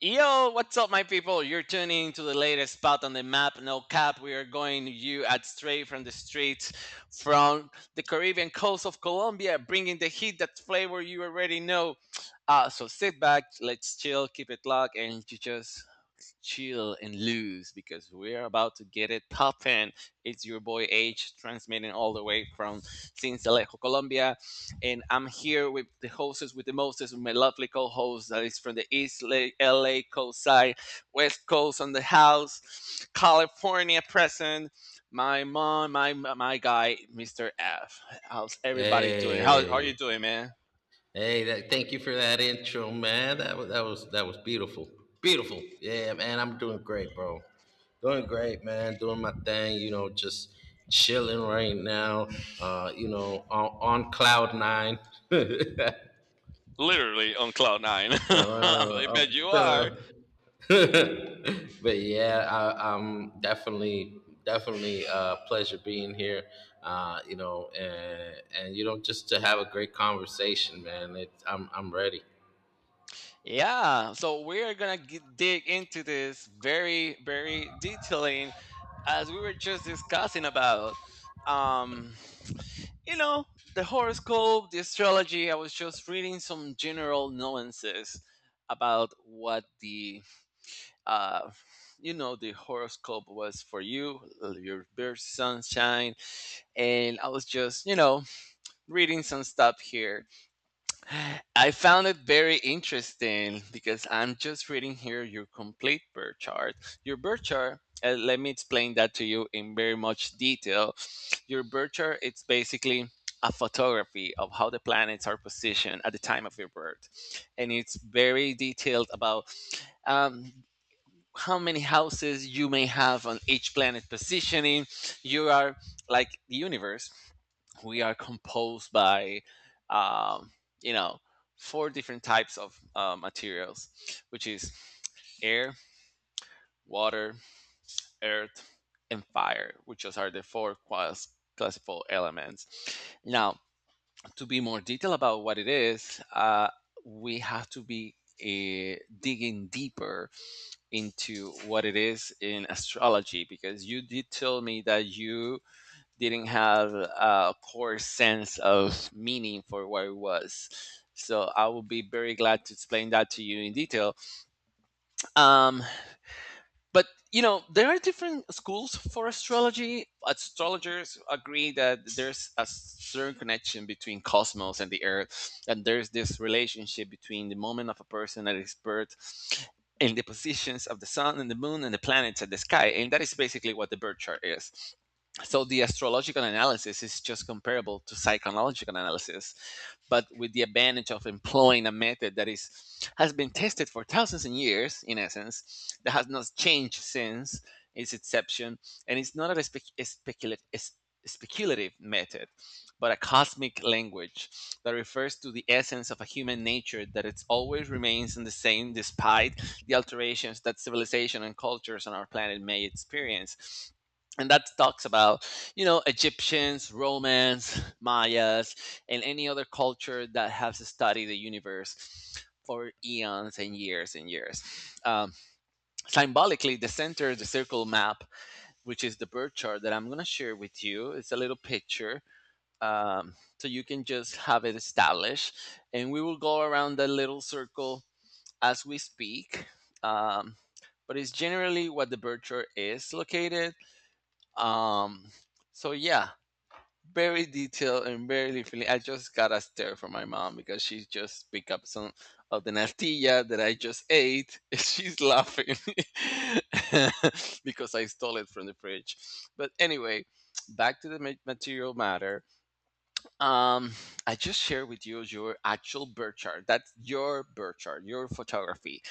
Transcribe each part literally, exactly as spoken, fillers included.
Yo, what's up, my people? You're tuning to the latest spot on the map. No cap, we are going to you at straight from the streets from the Caribbean coast of Colombia, bringing the heat, that flavor you already know. Uh, so sit back, let's chill, keep it locked, and you just chill and lose because we're about to get it poppin'. It's your boy H transmitting all the way from Sincelejo, Colombia. And I'm here with the hostess, with the mostest, with my lovely co host that is from the East La- L A coast side, West Coast on the house, California present, my mom, my my guy, mister F. How's everybody doing? How, how are you Hey, doing, man? hey! That, thank you for that intro, man. That was that was that was beautiful, beautiful. Yeah, man, I'm doing great, bro. Doing great, man. Doing my thing. You know, just chilling right now. Uh, you know, on, on cloud nine. Literally on cloud nine. uh, I I'm bet you are. feeling but yeah, I, I'm definitely definitely a pleasure being here. Uh, you know, and and you know, just to have a great conversation, man. It, I'm I'm ready. Yeah, so we're gonna g dig into this very, very detailing as we were just discussing about. Um, you know, the horoscope, the astrology, I was just reading some general nuances about what the, uh, you know, the horoscope was for you, your birth sunshine. And I was just, you know, reading some stuff here. I found it very interesting because I'm just reading here your complete birth chart. Your birth chart, uh, let me explain that to you in very much detail. Your birth chart, it's basically a photography of how the planets are positioned at the time of your birth. And it's very detailed about um, how many houses you may have on each planet positioning. You are like the universe, we are composed by um, you know four different types of uh, materials, which is air, water, earth, and fire, which just are the four class classical elements. Now, to be more detailed about what it is, uh, we have to be uh, digging deeper into what it is in astrology, because you did tell me that you didn't have a core sense of meaning for what it was. So I will be very glad to explain that to you in detail. Um, but you know there are different schools for astrology. Astrologers agree that there's a certain connection between cosmos and the earth, and there's this relationship between the moment of a person that is birth and the positions of the sun and the moon and the planets and the sky, and that is basically what the birth chart is. So the astrological analysis is just comparable to psychological analysis, but with the advantage of employing a method that is has been tested for thousands of years, in essence, that has not changed since its inception, and it's not a, spec- a speculative a sp- a speculative method, but a cosmic language that refers to the essence of a human nature that it always remains in the same despite the alterations that civilization and cultures on our planet may experience. And that talks about, you know, Egyptians, Romans, Mayas, and any other culture that has studied the universe for eons and years and years. Um, symbolically, the center, the circle map, which is the birth chart that I'm going to share with you, it's a little picture. Um, so you can just have it established. And we will go around that little circle as we speak. Um, but it's generally what the birth chart is located. Um, so, yeah, very detailed and very literally. I just got a stare from my mom because she just picked up some of the natilla that I just ate. She's laughing because I stole it from the fridge. But anyway, back to the ma- material matter. Um, I just shared with you your actual birth chart. That's your birth chart, your photography.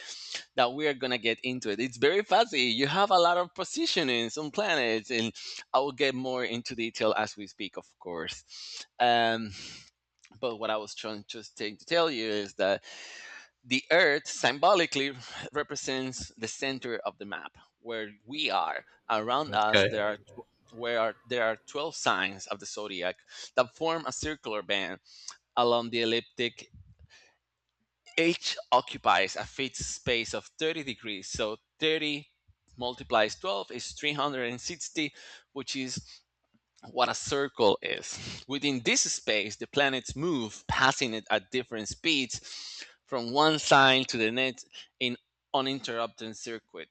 Now we are gonna get into it. It's very fuzzy. You have a lot of positionings on planets, and I will get more into detail as we speak, of course. Um, but what I was trying just trying to tell you is that the Earth symbolically represents the center of the map, where we are. Around us, Okay, there are tw- where are, there are twelve signs of the zodiac that form a circular band along the elliptic, each occupies a fixed space of 30 degrees. So thirty multiplies twelve is three hundred sixty, which is what a circle is. Within this space, the planets move, passing it at different speeds from one sign to the next in uninterrupted circuit.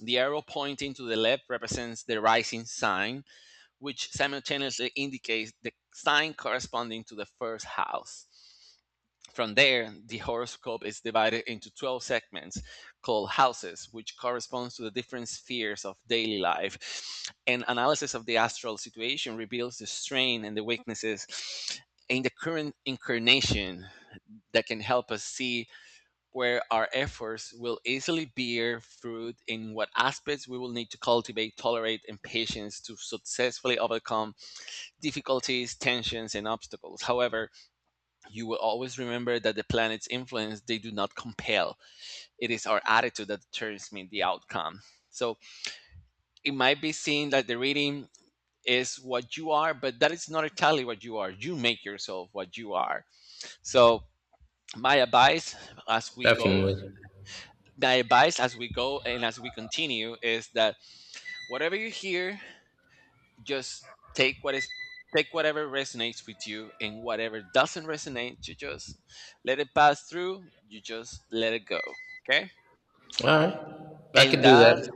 The arrow pointing to the left represents the rising sign, which simultaneously indicates the sign corresponding to the first house. From there, the horoscope is divided into twelve segments called houses, which corresponds to the different spheres of daily life. An analysis of the astral situation reveals the strain and the weaknesses in the current incarnation that can help us see where our efforts will easily bear fruit in what aspects we will need to cultivate, tolerate, and patience to successfully overcome difficulties, tensions, and obstacles. However, you will always remember that the planets influence, they do not compel. It is our attitude that determines the outcome. So it might be seen that the reading is what you are, but that is not entirely what you are. You make yourself what you are. So, my advice as we go definitely. my advice as we go and as we continue is that whatever you hear, just take what is take whatever resonates with you, and whatever doesn't resonate you just let it pass through, you just let it go, okay? All right, I and can do that that.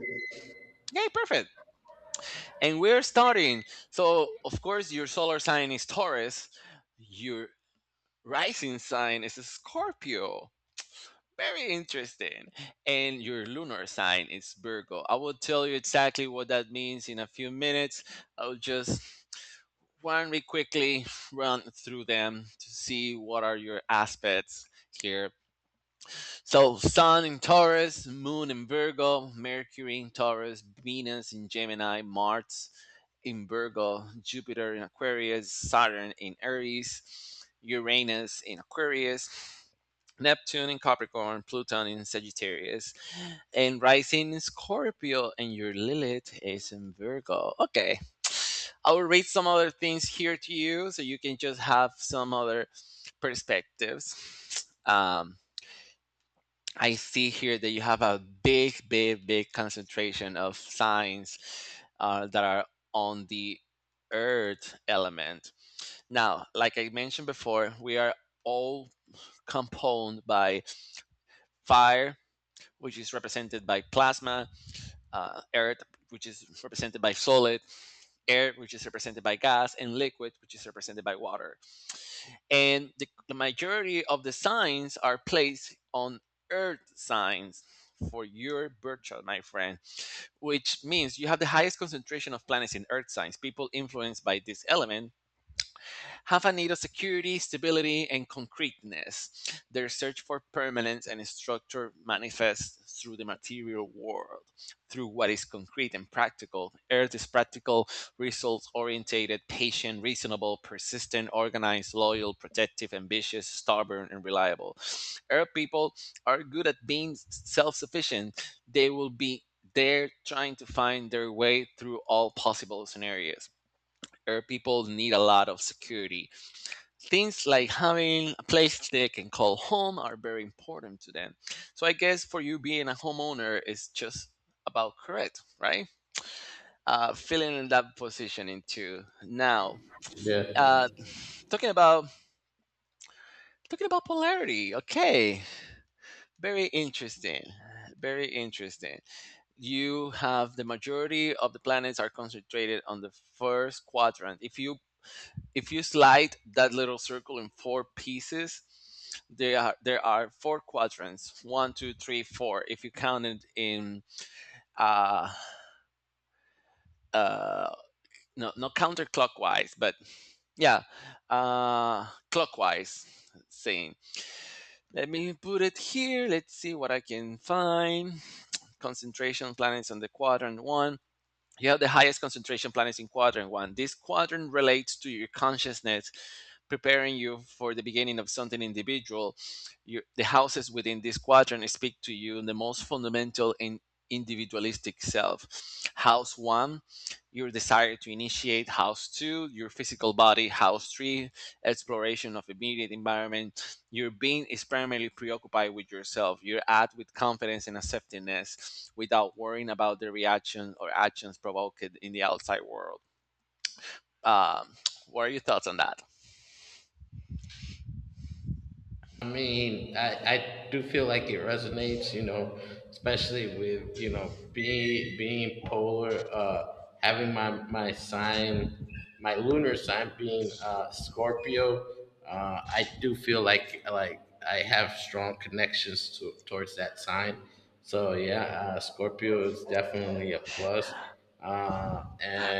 Yeah, perfect. And we're starting. So of course your solar sign is Taurus, your rising sign is Scorpio, very interesting, and your lunar sign is Virgo. I will tell you exactly what that means in a few minutes. I'll just Why don't we quickly run through them to see what are your aspects here. So Sun in Taurus, Moon in Virgo, Mercury in Taurus, Venus in Gemini, Mars in Virgo, Jupiter in Aquarius, Saturn in Aries, Uranus in Aquarius, Neptune in Capricorn, Pluto in Sagittarius, and rising in Scorpio, and your Lilith is in Virgo. Okay. I will read some other things here to you so you can just have some other perspectives. Um, I see here that you have a big, big, big concentration of signs uh, that are on the earth element. Now, like I mentioned before, we are all composed by fire, which is represented by plasma, uh, earth, which is represented by solid, air, which is represented by gas, and liquid, which is represented by water, and the, the majority of the signs are placed on earth signs for your birth chart, my friend, which means you have the highest concentration of planets in earth signs. People influenced by this element have a need of security, stability, and concreteness. Their search for permanence and structure manifests through the material world, through what is concrete and practical. Earth is practical, results oriented patient, reasonable, persistent, organized, loyal, protective, ambitious, stubborn, and reliable. Earth people are good at being self sufficient. They will be there trying to find their way through all possible scenarios. Earth people need a lot of security, things like having a place they can call home are very important to them. So I guess for you, being a homeowner is just about correct, right? Uh, feeling in that position into now. Yeah. Uh, Talking about talking about polarity. Okay, very interesting. Very interesting. You have the majority of the planets are concentrated on the first quadrant. If you If you slide that little circle in four pieces, there are there are four quadrants, one two three four, if you count it in, uh uh no, not counterclockwise but, yeah, uh clockwise. Saying Let me put it here, let's see what I can find. Concentration planets on the quadrant one. You have the highest concentration planets in quadrant one. This quadrant relates to your consciousness, preparing you for the beginning of something individual. Your, the houses within this quadrant speak to you in the most fundamental and individualistic self. House one, your desire to initiate. House two, your physical body. House three, exploration of immediate environment. Your being is primarily preoccupied with yourself. You're at with confidence and acceptance without worrying about the reaction or actions provoked in the outside world. Um, what are your thoughts on that? I mean, I, I do feel like it resonates, you know, especially with, you know, being being polar, uh, having my my sign, my lunar sign being uh, Scorpio. Uh, I do feel like like I have strong connections to towards that sign. So yeah, uh, Scorpio is definitely a plus. Uh,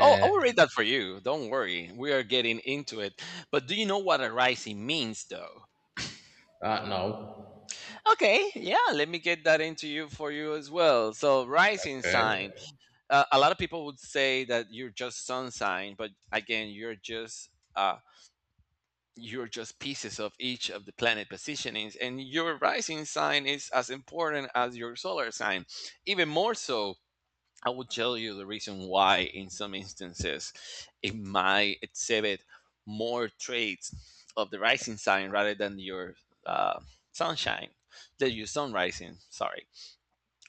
Oh, I will read that for you. Don't worry. We are getting into it. But do you know what arising means, though? uh, no, Okay, yeah, let me get that into you for you as well. So, rising okay. sign. Uh, a lot of people would say that you're just sun sign, but again, you're just uh, you're just pieces of each of the planet positionings, and your rising sign is as important as your solar sign, even more so. I will tell you the reason why. In some instances it might exhibit more traits of the rising sign rather than your uh, sunshine, than your sun rising, sorry,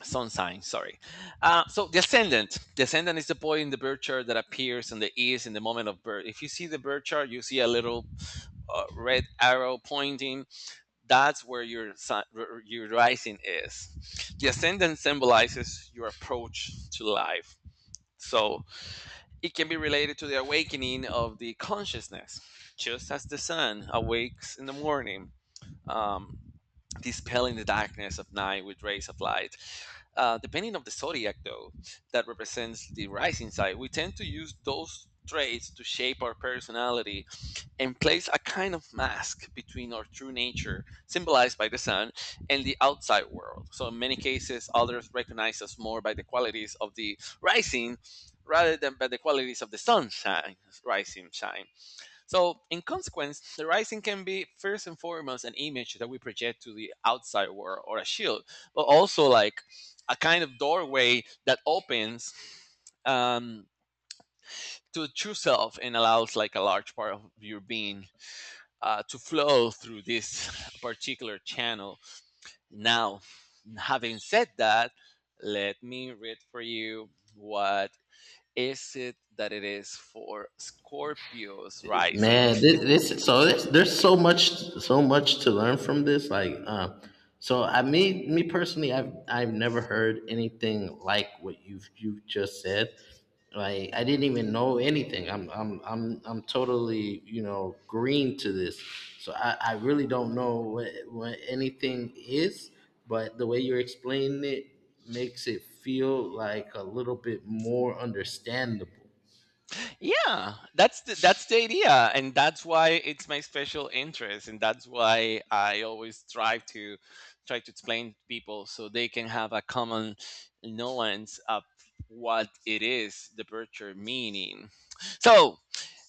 sun sign, sorry. Uh, so the ascendant, the ascendant is the point in the birth chart that appears on the east in the moment of birth. If you see the birth chart, you see a little uh, red arrow pointing, that's where your sun, your rising is. The ascendant symbolizes your approach to life. So it can be related to the awakening of the consciousness, just as the sun awakes in the morning, um, dispelling the darkness of night with rays of light. Uh, depending on the zodiac, though, that represents the rising side, we tend to use those traits to shape our personality and place a kind of mask between our true nature, symbolized by the sun, and the outside world. So, in many cases, others recognize us more by the qualities of the rising rather than by the qualities of the sunshine, rising shine. So, in consequence, the rising can be first and foremost an image that we project to the outside world or a shield, but also like a kind of doorway that opens um, to true self and allows like a large part of your being uh, to flow through this particular channel. Now, having said that, let me read for you what is it that it is for Scorpios rising. Man, this, this so this, there's so much so much to learn from this. Like, um, so I me me personally, I've I've never heard anything like what you've you've just said. Like, I didn't even know anything. I'm I'm I'm I'm totally you know green to this. So I I really don't know what what anything is, but the way you're explaining it makes it feel like a little bit more understandable. Yeah, that's the, that's the idea, and that's why it's my special interest and that's why I always try to try to explain to people so they can have a common nuance of what it is the virtue meaning. So,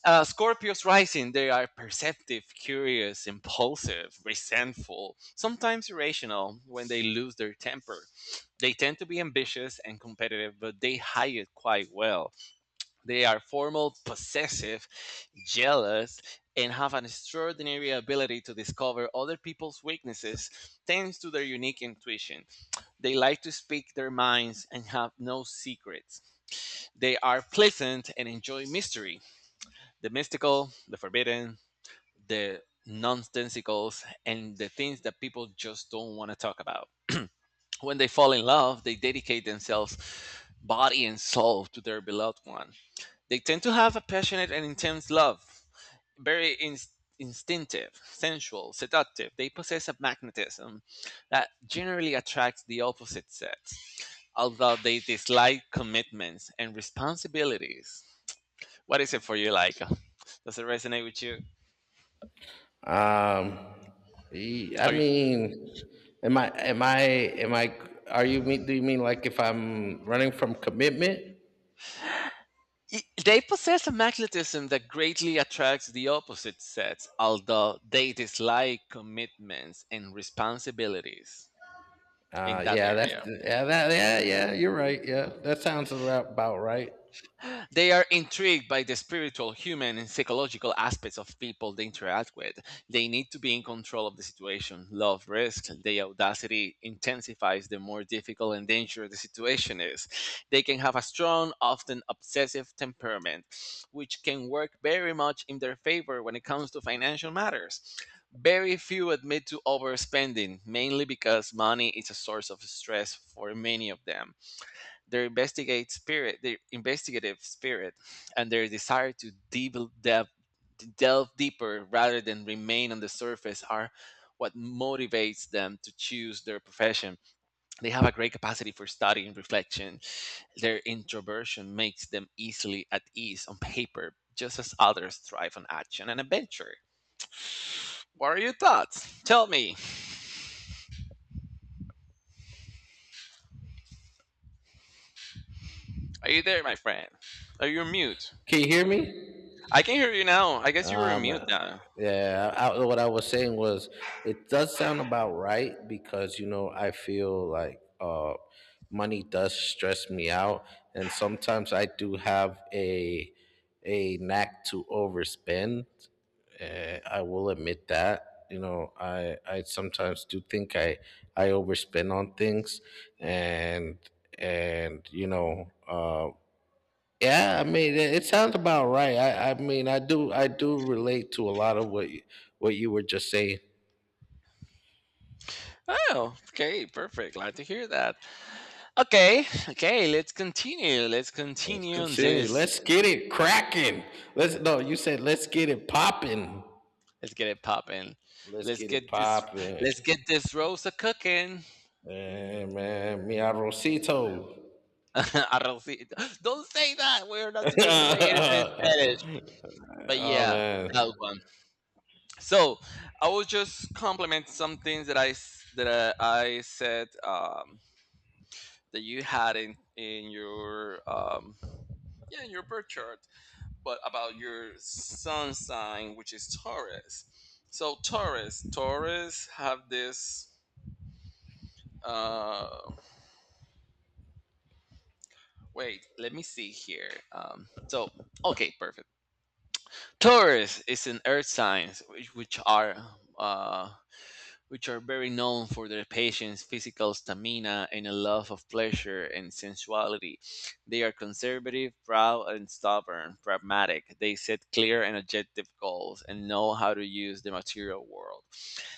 Uh, Scorpios rising, they are perceptive, curious, impulsive, resentful, sometimes irrational when they lose their temper. They tend to be ambitious and competitive, but they hide it quite well. They are formal, possessive, jealous, and have an extraordinary ability to discover other people's weaknesses thanks to their unique intuition. They like to speak their minds and have no secrets. They are pleasant and enjoy mystery, the mystical, the forbidden, the nonsensicals, and the things that people just don't want to talk about. When they fall in love, they dedicate themselves body and soul to their beloved one. They tend to have a passionate and intense love, very inst instinctive, sensual, seductive. They possess a magnetism that generally attracts the opposite sex, although they dislike commitments and responsibilities. What is it for you, Laika? Does it resonate with you? Um, y- I Are mean, am I, am I, am I, are you mean, do you mean like if I'm running from commitment? Y- They possess a magnetism that greatly attracts the opposite sex, although they dislike commitments and responsibilities in Uh, that yeah, that's, area. yeah, that, yeah, yeah, you're right. Yeah, that sounds about right. They are intrigued by the spiritual, human, and psychological aspects of people they interact with. They need to be in control of the situation, love risks. Their audacity intensifies the more difficult and dangerous the situation is. They can have a strong, often obsessive temperament, which can work very much in their favor when it comes to financial matters. Very few admit to overspending, mainly because money is a source of stress for many of them. Their investigate spirit, their investigative spirit, and their desire to deep delve, to delve deeper rather than remain on the surface are what motivates them to choose their profession. They have a great capacity for study and reflection. Their introversion makes them easily at ease on paper, just as others thrive on action and adventure. What are your thoughts? Tell me. Are you there, my friend? Are you on mute? Can you hear me? I can hear you now. I guess you were on Um, mute now. yeah, I, I- what I was saying was it does sound about right because you know I feel like uh, money does stress me out, and sometimes I do have a a knack to overspend. Uh, I will admit that. You know, I I sometimes do think I I overspend on things, and and you know, uh, yeah, I mean, it, it sounds about right. I, I mean, I do, I do relate to a lot of what you, what you were just saying. Oh, okay, perfect. Glad to hear that. Okay, okay, let's continue. Let's Let's continue on continue. this. Let's get it cracking. Let's no, you said let's get it popping. Let's get it popping. Let's Let's get get it this. popping. Let's get this roast a cooking. Man, man, mi arrocito. Arrocito. Don't say that. We're not supposed to say anything in Spanish. But oh yeah, man. that one. So I will just compliment some things that I s- that I, I said um, that you had in in your um, yeah in your birth chart, but about your sun sign, which is Taurus. So Taurus, Taurus have this. Uh, wait, let me see here. Um, so okay, perfect. Taurus is an earth sign, which, which are uh, which are very known for their patience, physical stamina, and a love of pleasure and sensuality. They are conservative, proud, and stubborn, pragmatic. They set clear and objective goals and know how to use the material world.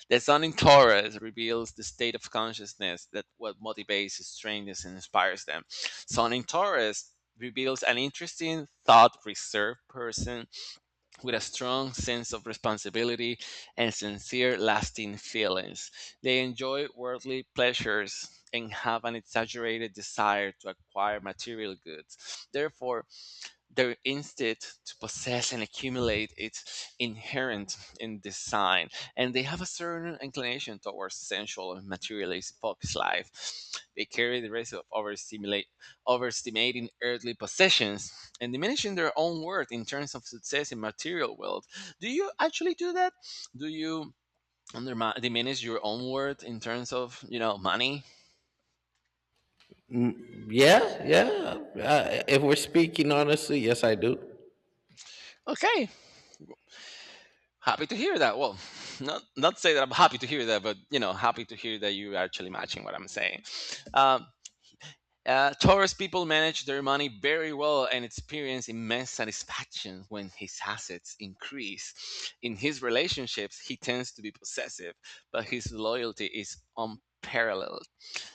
The sun in Taurus reveals the state of consciousness that what motivates, strengthens, and inspires them. Sun in Taurus reveals an interesting, thought reserved person with a strong sense of responsibility and sincere, lasting feelings. They enjoy worldly pleasures and have an exaggerated desire to acquire material goods. Therefore, their instinct to possess and accumulate is inherent in design, and they have a certain inclination towards sensual and materialist focused life. They carry the risk of overstimulate, overestimating earthly possessions and diminishing their own worth in terms of success in material world. Do you actually do that? Do you undermine, diminish your own worth in terms of you know money? Yeah, yeah. Uh, if we're speaking honestly, yes, I do. Okay, happy to hear that. Well, not not say that I'm happy to hear that, but you know, happy to hear that you are actually matching what I'm saying. Um, uh, Taurus people manage their money very well and experience immense satisfaction when his assets increase. In his relationships, he tends to be possessive, but his loyalty is unparalleled.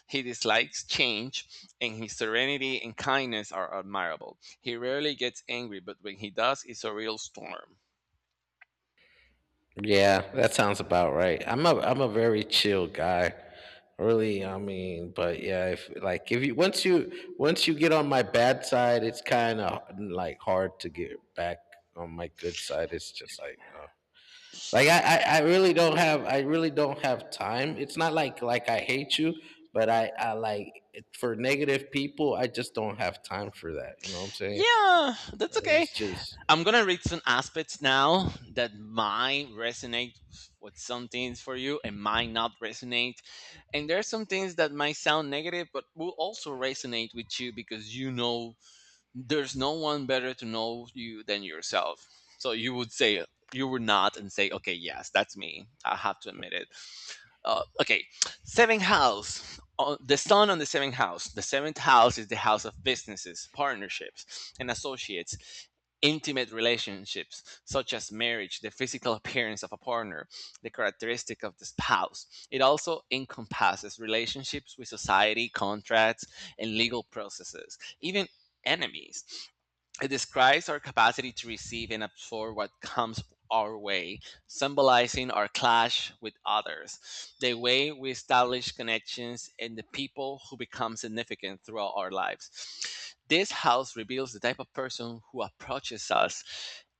He dislikes change, and his serenity and kindness are admirable. He rarely gets angry, but when he does, it's a real storm. Yeah, that sounds about right. I'm a I'm a very chill guy. Really, I mean, but yeah, if like if you once you once you get on my bad side, it's kind of like hard to get back on my good side. It's just like uh, like I, I I really don't have I really don't have time. It's not like like I hate you, but I I like for negative people, I just don't have time for that. You know what I'm saying? Yeah, that's okay. It's just I'm gonna read some aspects now that might resonate with some things for you and might not resonate. And there are some things that might sound negative but will also resonate with you because you know there's no one better to know you than yourself. So you would say you would not and say, okay, yes, that's me. I have to admit it. Uh, okay, seventh house, uh, the sun on the seventh house. The seventh house is the house of businesses, partnerships, and associates. Intimate relationships, such as marriage, the physical appearance of a partner, the characteristic of the spouse. It also encompasses relationships with society, contracts, and legal processes, even enemies. It describes our capacity to receive and absorb what comes our way, symbolizing our clash with others, the way we establish connections, and the people who become significant throughout our lives. This house reveals the type of person who approaches us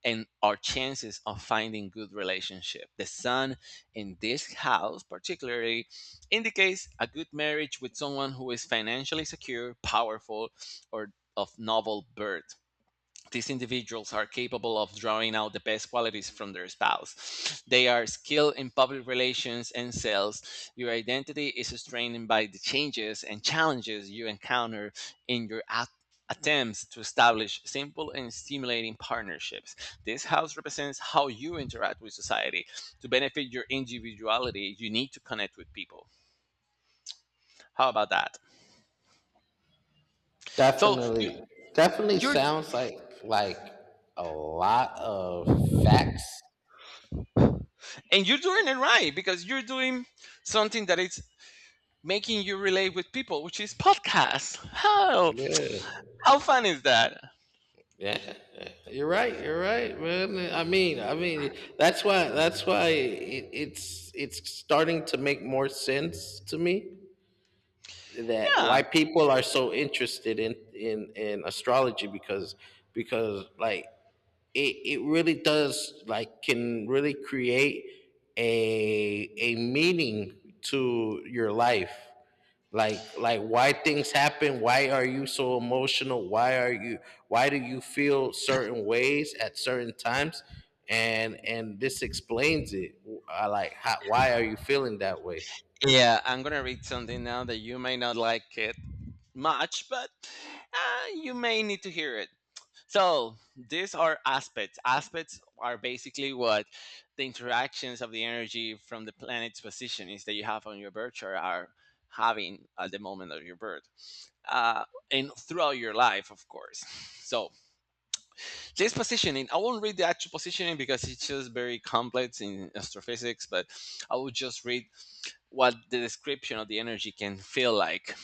and our chances of finding good relationship. The sun in this house particularly indicates a good marriage with someone who is financially secure, powerful, or of novel birth. These individuals are capable of drawing out the best qualities from their spouse. They are skilled in public relations and sales. Your identity is strained by the changes and challenges you encounter in your at- attempts to establish simple and stimulating partnerships. This house represents how you interact with society. To benefit your individuality, you need to connect with people. How about that? So you, definitely, definitely you're sounds like like a lot of facts. and you're doing it right because you're doing something that it's making you relate with people, which is podcasts. How Yeah, how fun is that? yeah. You're right. You're right, man. I mean, I mean, that's why that's why it, it's it's starting to make more sense to me that Yeah. why people are so interested in in in astrology because because like it, it really does like can really create a a meaning to your life like like why things happen, why are you so emotional, why are you, why do you feel certain ways at certain times, and and this explains it. I like how, why are you feeling that way. Yeah, I'm gonna read something now that you may not like it much, but uh, you may need to hear it. So these are aspects. Aspects are basically what the interactions of the energy from the planet's position is that you have on your birth chart are having at the moment of your birth, uh, and throughout your life, of course. So just positioning. I won't read the actual positioning because it's just very complex in astrophysics, but I will just read what the description of the energy can feel like.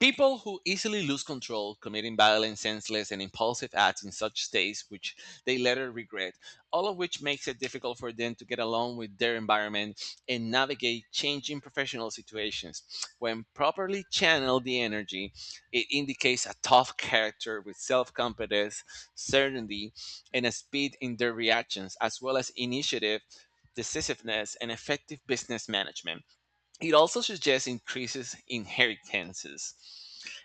People who easily lose control, committing violent, senseless, and impulsive acts in such states which they later regret, all of which makes it difficult for them to get along with their environment and navigate changing professional situations. When properly channeled the energy, it indicates a tough character with self confidence, certainty, and a speed in their reactions, as well as initiative, decisiveness, and effective business management. It also suggests increases in inheritances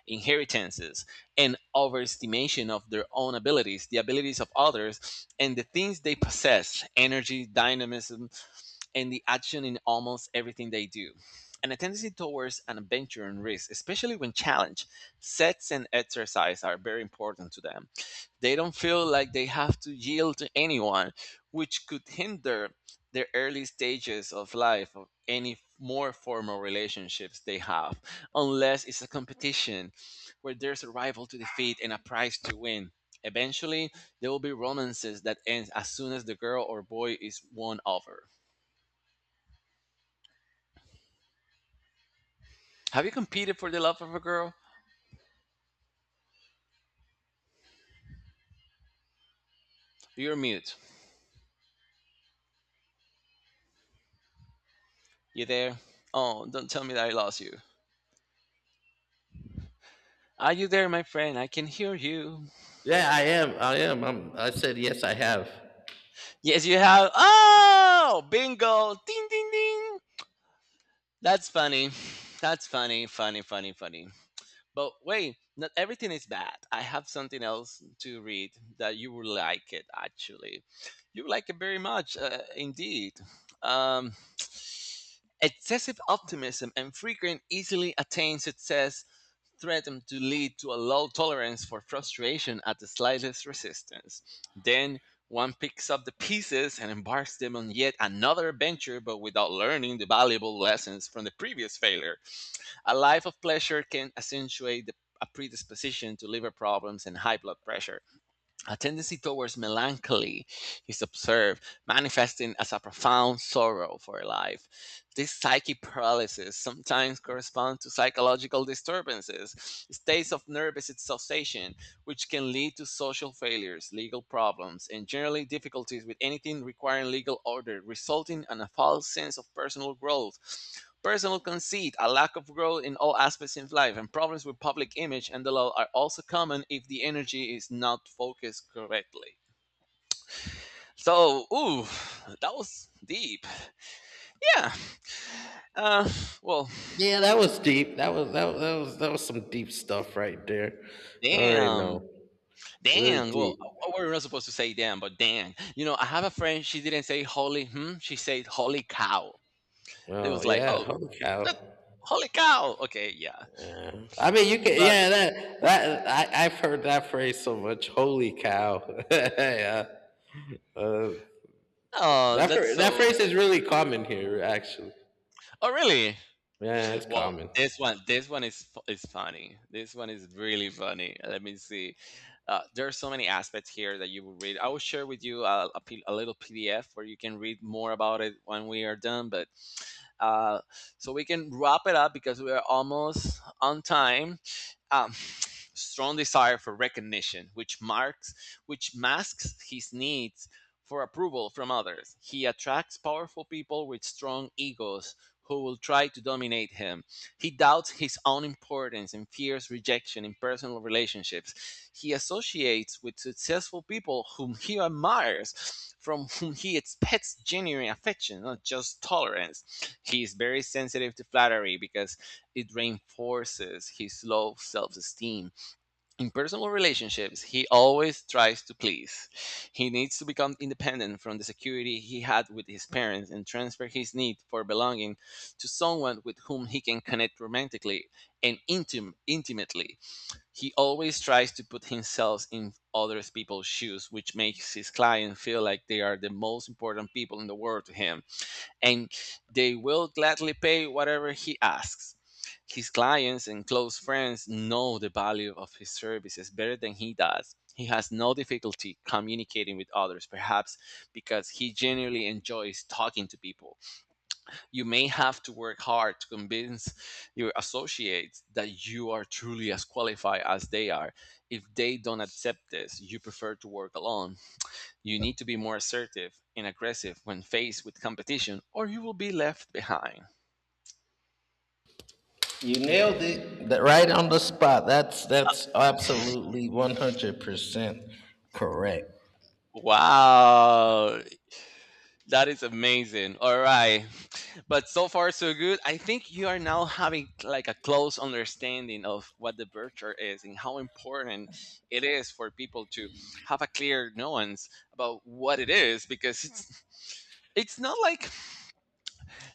inheritances, and overestimation of their own abilities, the abilities of others, and the things they possess energy, dynamism, and the action in almost everything they do. And a tendency towards an adventure and risk, especially when challenge, sets and exercise are very important to them. They don't feel like they have to yield to anyone, which could hinder their early stages of life of any more formal relationships they have, unless it's a competition where there's a rival to defeat and a prize to win. Eventually, there will be romances that end as soon as the girl or boy is won over. Have you competed for the love of a girl? You're mute. You there? Oh, don't tell me that I lost you. Are you there, my friend? I can hear you. Yeah i am i am I'm, i said yes I have. Yes, you have. Oh, bingo! Ding, ding, ding. That's funny. That's funny, funny, funny, funny. But wait, not everything is bad. I have something else to read that you will like it, actually. You will like it very much, uh, indeed. Um, Excessive optimism and frequent, easily attained success threaten to lead to a low tolerance for frustration at the slightest resistance. Then one picks up the pieces and embarks them on yet another adventure, but without learning the valuable lessons from the previous failure. A life of pleasure can accentuate the, a predisposition to liver problems and high blood pressure. A tendency towards melancholy is observed, manifesting as a profound sorrow for life. This psychic paralysis sometimes corresponds to psychological disturbances, states of nervous exhaustion, which can lead to social failures, legal problems, and generally difficulties with anything requiring legal order, resulting in a false sense of personal growth. Personal conceit, a lack of growth in all aspects of life, and problems with public image and the law are also common if the energy is not focused correctly. So, ooh, that was deep. Yeah. Uh, well, Yeah, that was deep. that was that was that was, that was some deep stuff right there. All right, damn, no. Really damn. Well, deep. uh, we're not supposed to say damn, but damn. You know, I have a friend. She didn't say holy. Hmm. She said holy cow. It Oh was like, yeah, oh, holy cow. uh, holy cow. Okay, yeah. Yeah. I mean, you can. But Yeah, that that I, I've heard that phrase so much. Holy cow. yeah. Uh, oh, that that's phr- that so. phrase is really common here, actually. Oh, really? Yeah, it's Well, common. this one, this one is fu- is funny. This one is really funny. Let me see. Uh, there are so many aspects here that you will read. I will share with you a, a, P, a little P D F where you can read more about it when we are done. But uh, so we can wrap it up because we are almost on time. Um, Strong desire for recognition, which marks, which masks his needs for approval from others. He attracts powerful people with strong egos who will try to dominate him. He doubts his own importance and fears rejection in personal relationships. He associates with successful people whom he admires, from whom he expects genuine affection, not just tolerance. He's very sensitive to flattery because it reinforces his low self esteem. In personal relationships, he always tries to please. He needs to become independent from the security he had with his parents and transfer his need for belonging to someone with whom he can connect romantically and intim- intimately. He always tries to put himself in other people's shoes, which makes his client feel like they are the most important people in the world to him and they will gladly pay whatever he asks. His clients and close friends know the value of his services better than he does. He has no difficulty communicating with others, perhaps because he genuinely enjoys talking to people. You may have to work hard to convince your associates that you are truly as qualified as they are. If they don't accept this, you prefer to work alone. You need to be more assertive and aggressive when faced with competition, or you will be left behind. You nailed it. That- right on the spot. That's that's absolutely one hundred percent correct. Wow, that is amazing. All right. But so far, so good. I think you are now having like a close understanding of what the virtue is and how important it is for people to have a clear nuance about what it is because it's it's not like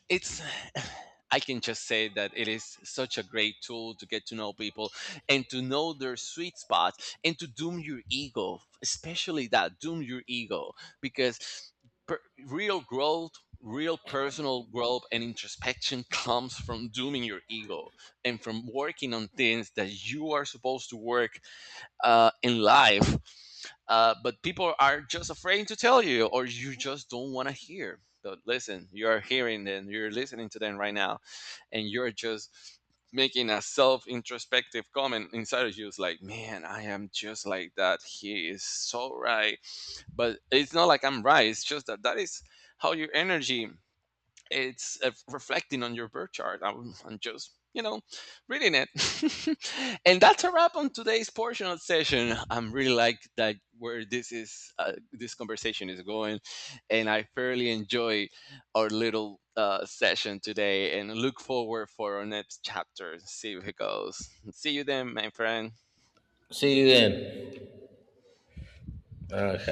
it's I can just say that it is such a great tool to get to know people and to know their sweet spot and to doom your ego, especially that, doom your ego because per- real growth, real personal growth and introspection comes from dooming your ego and from working on things that you are supposed to work uh, in life, uh, but people are just afraid to tell you, or you just don't want to hear. But listen, you are hearing them, you're listening to them right now, and you're just making a self introspective comment inside of you. It's like, man, I am just like that. He is so right. But it's not like I'm right, it's just that that is how your energy it's uh, reflecting on your birth chart. I'm, I'm just, you know, reading it. And that's a wrap on today's portion of session. I'm really like that where this is, uh, this conversation is going, and I fairly enjoy our little uh, session today and look forward for our next chapter. See if it goes. See you then, my friend. See you then. Okay.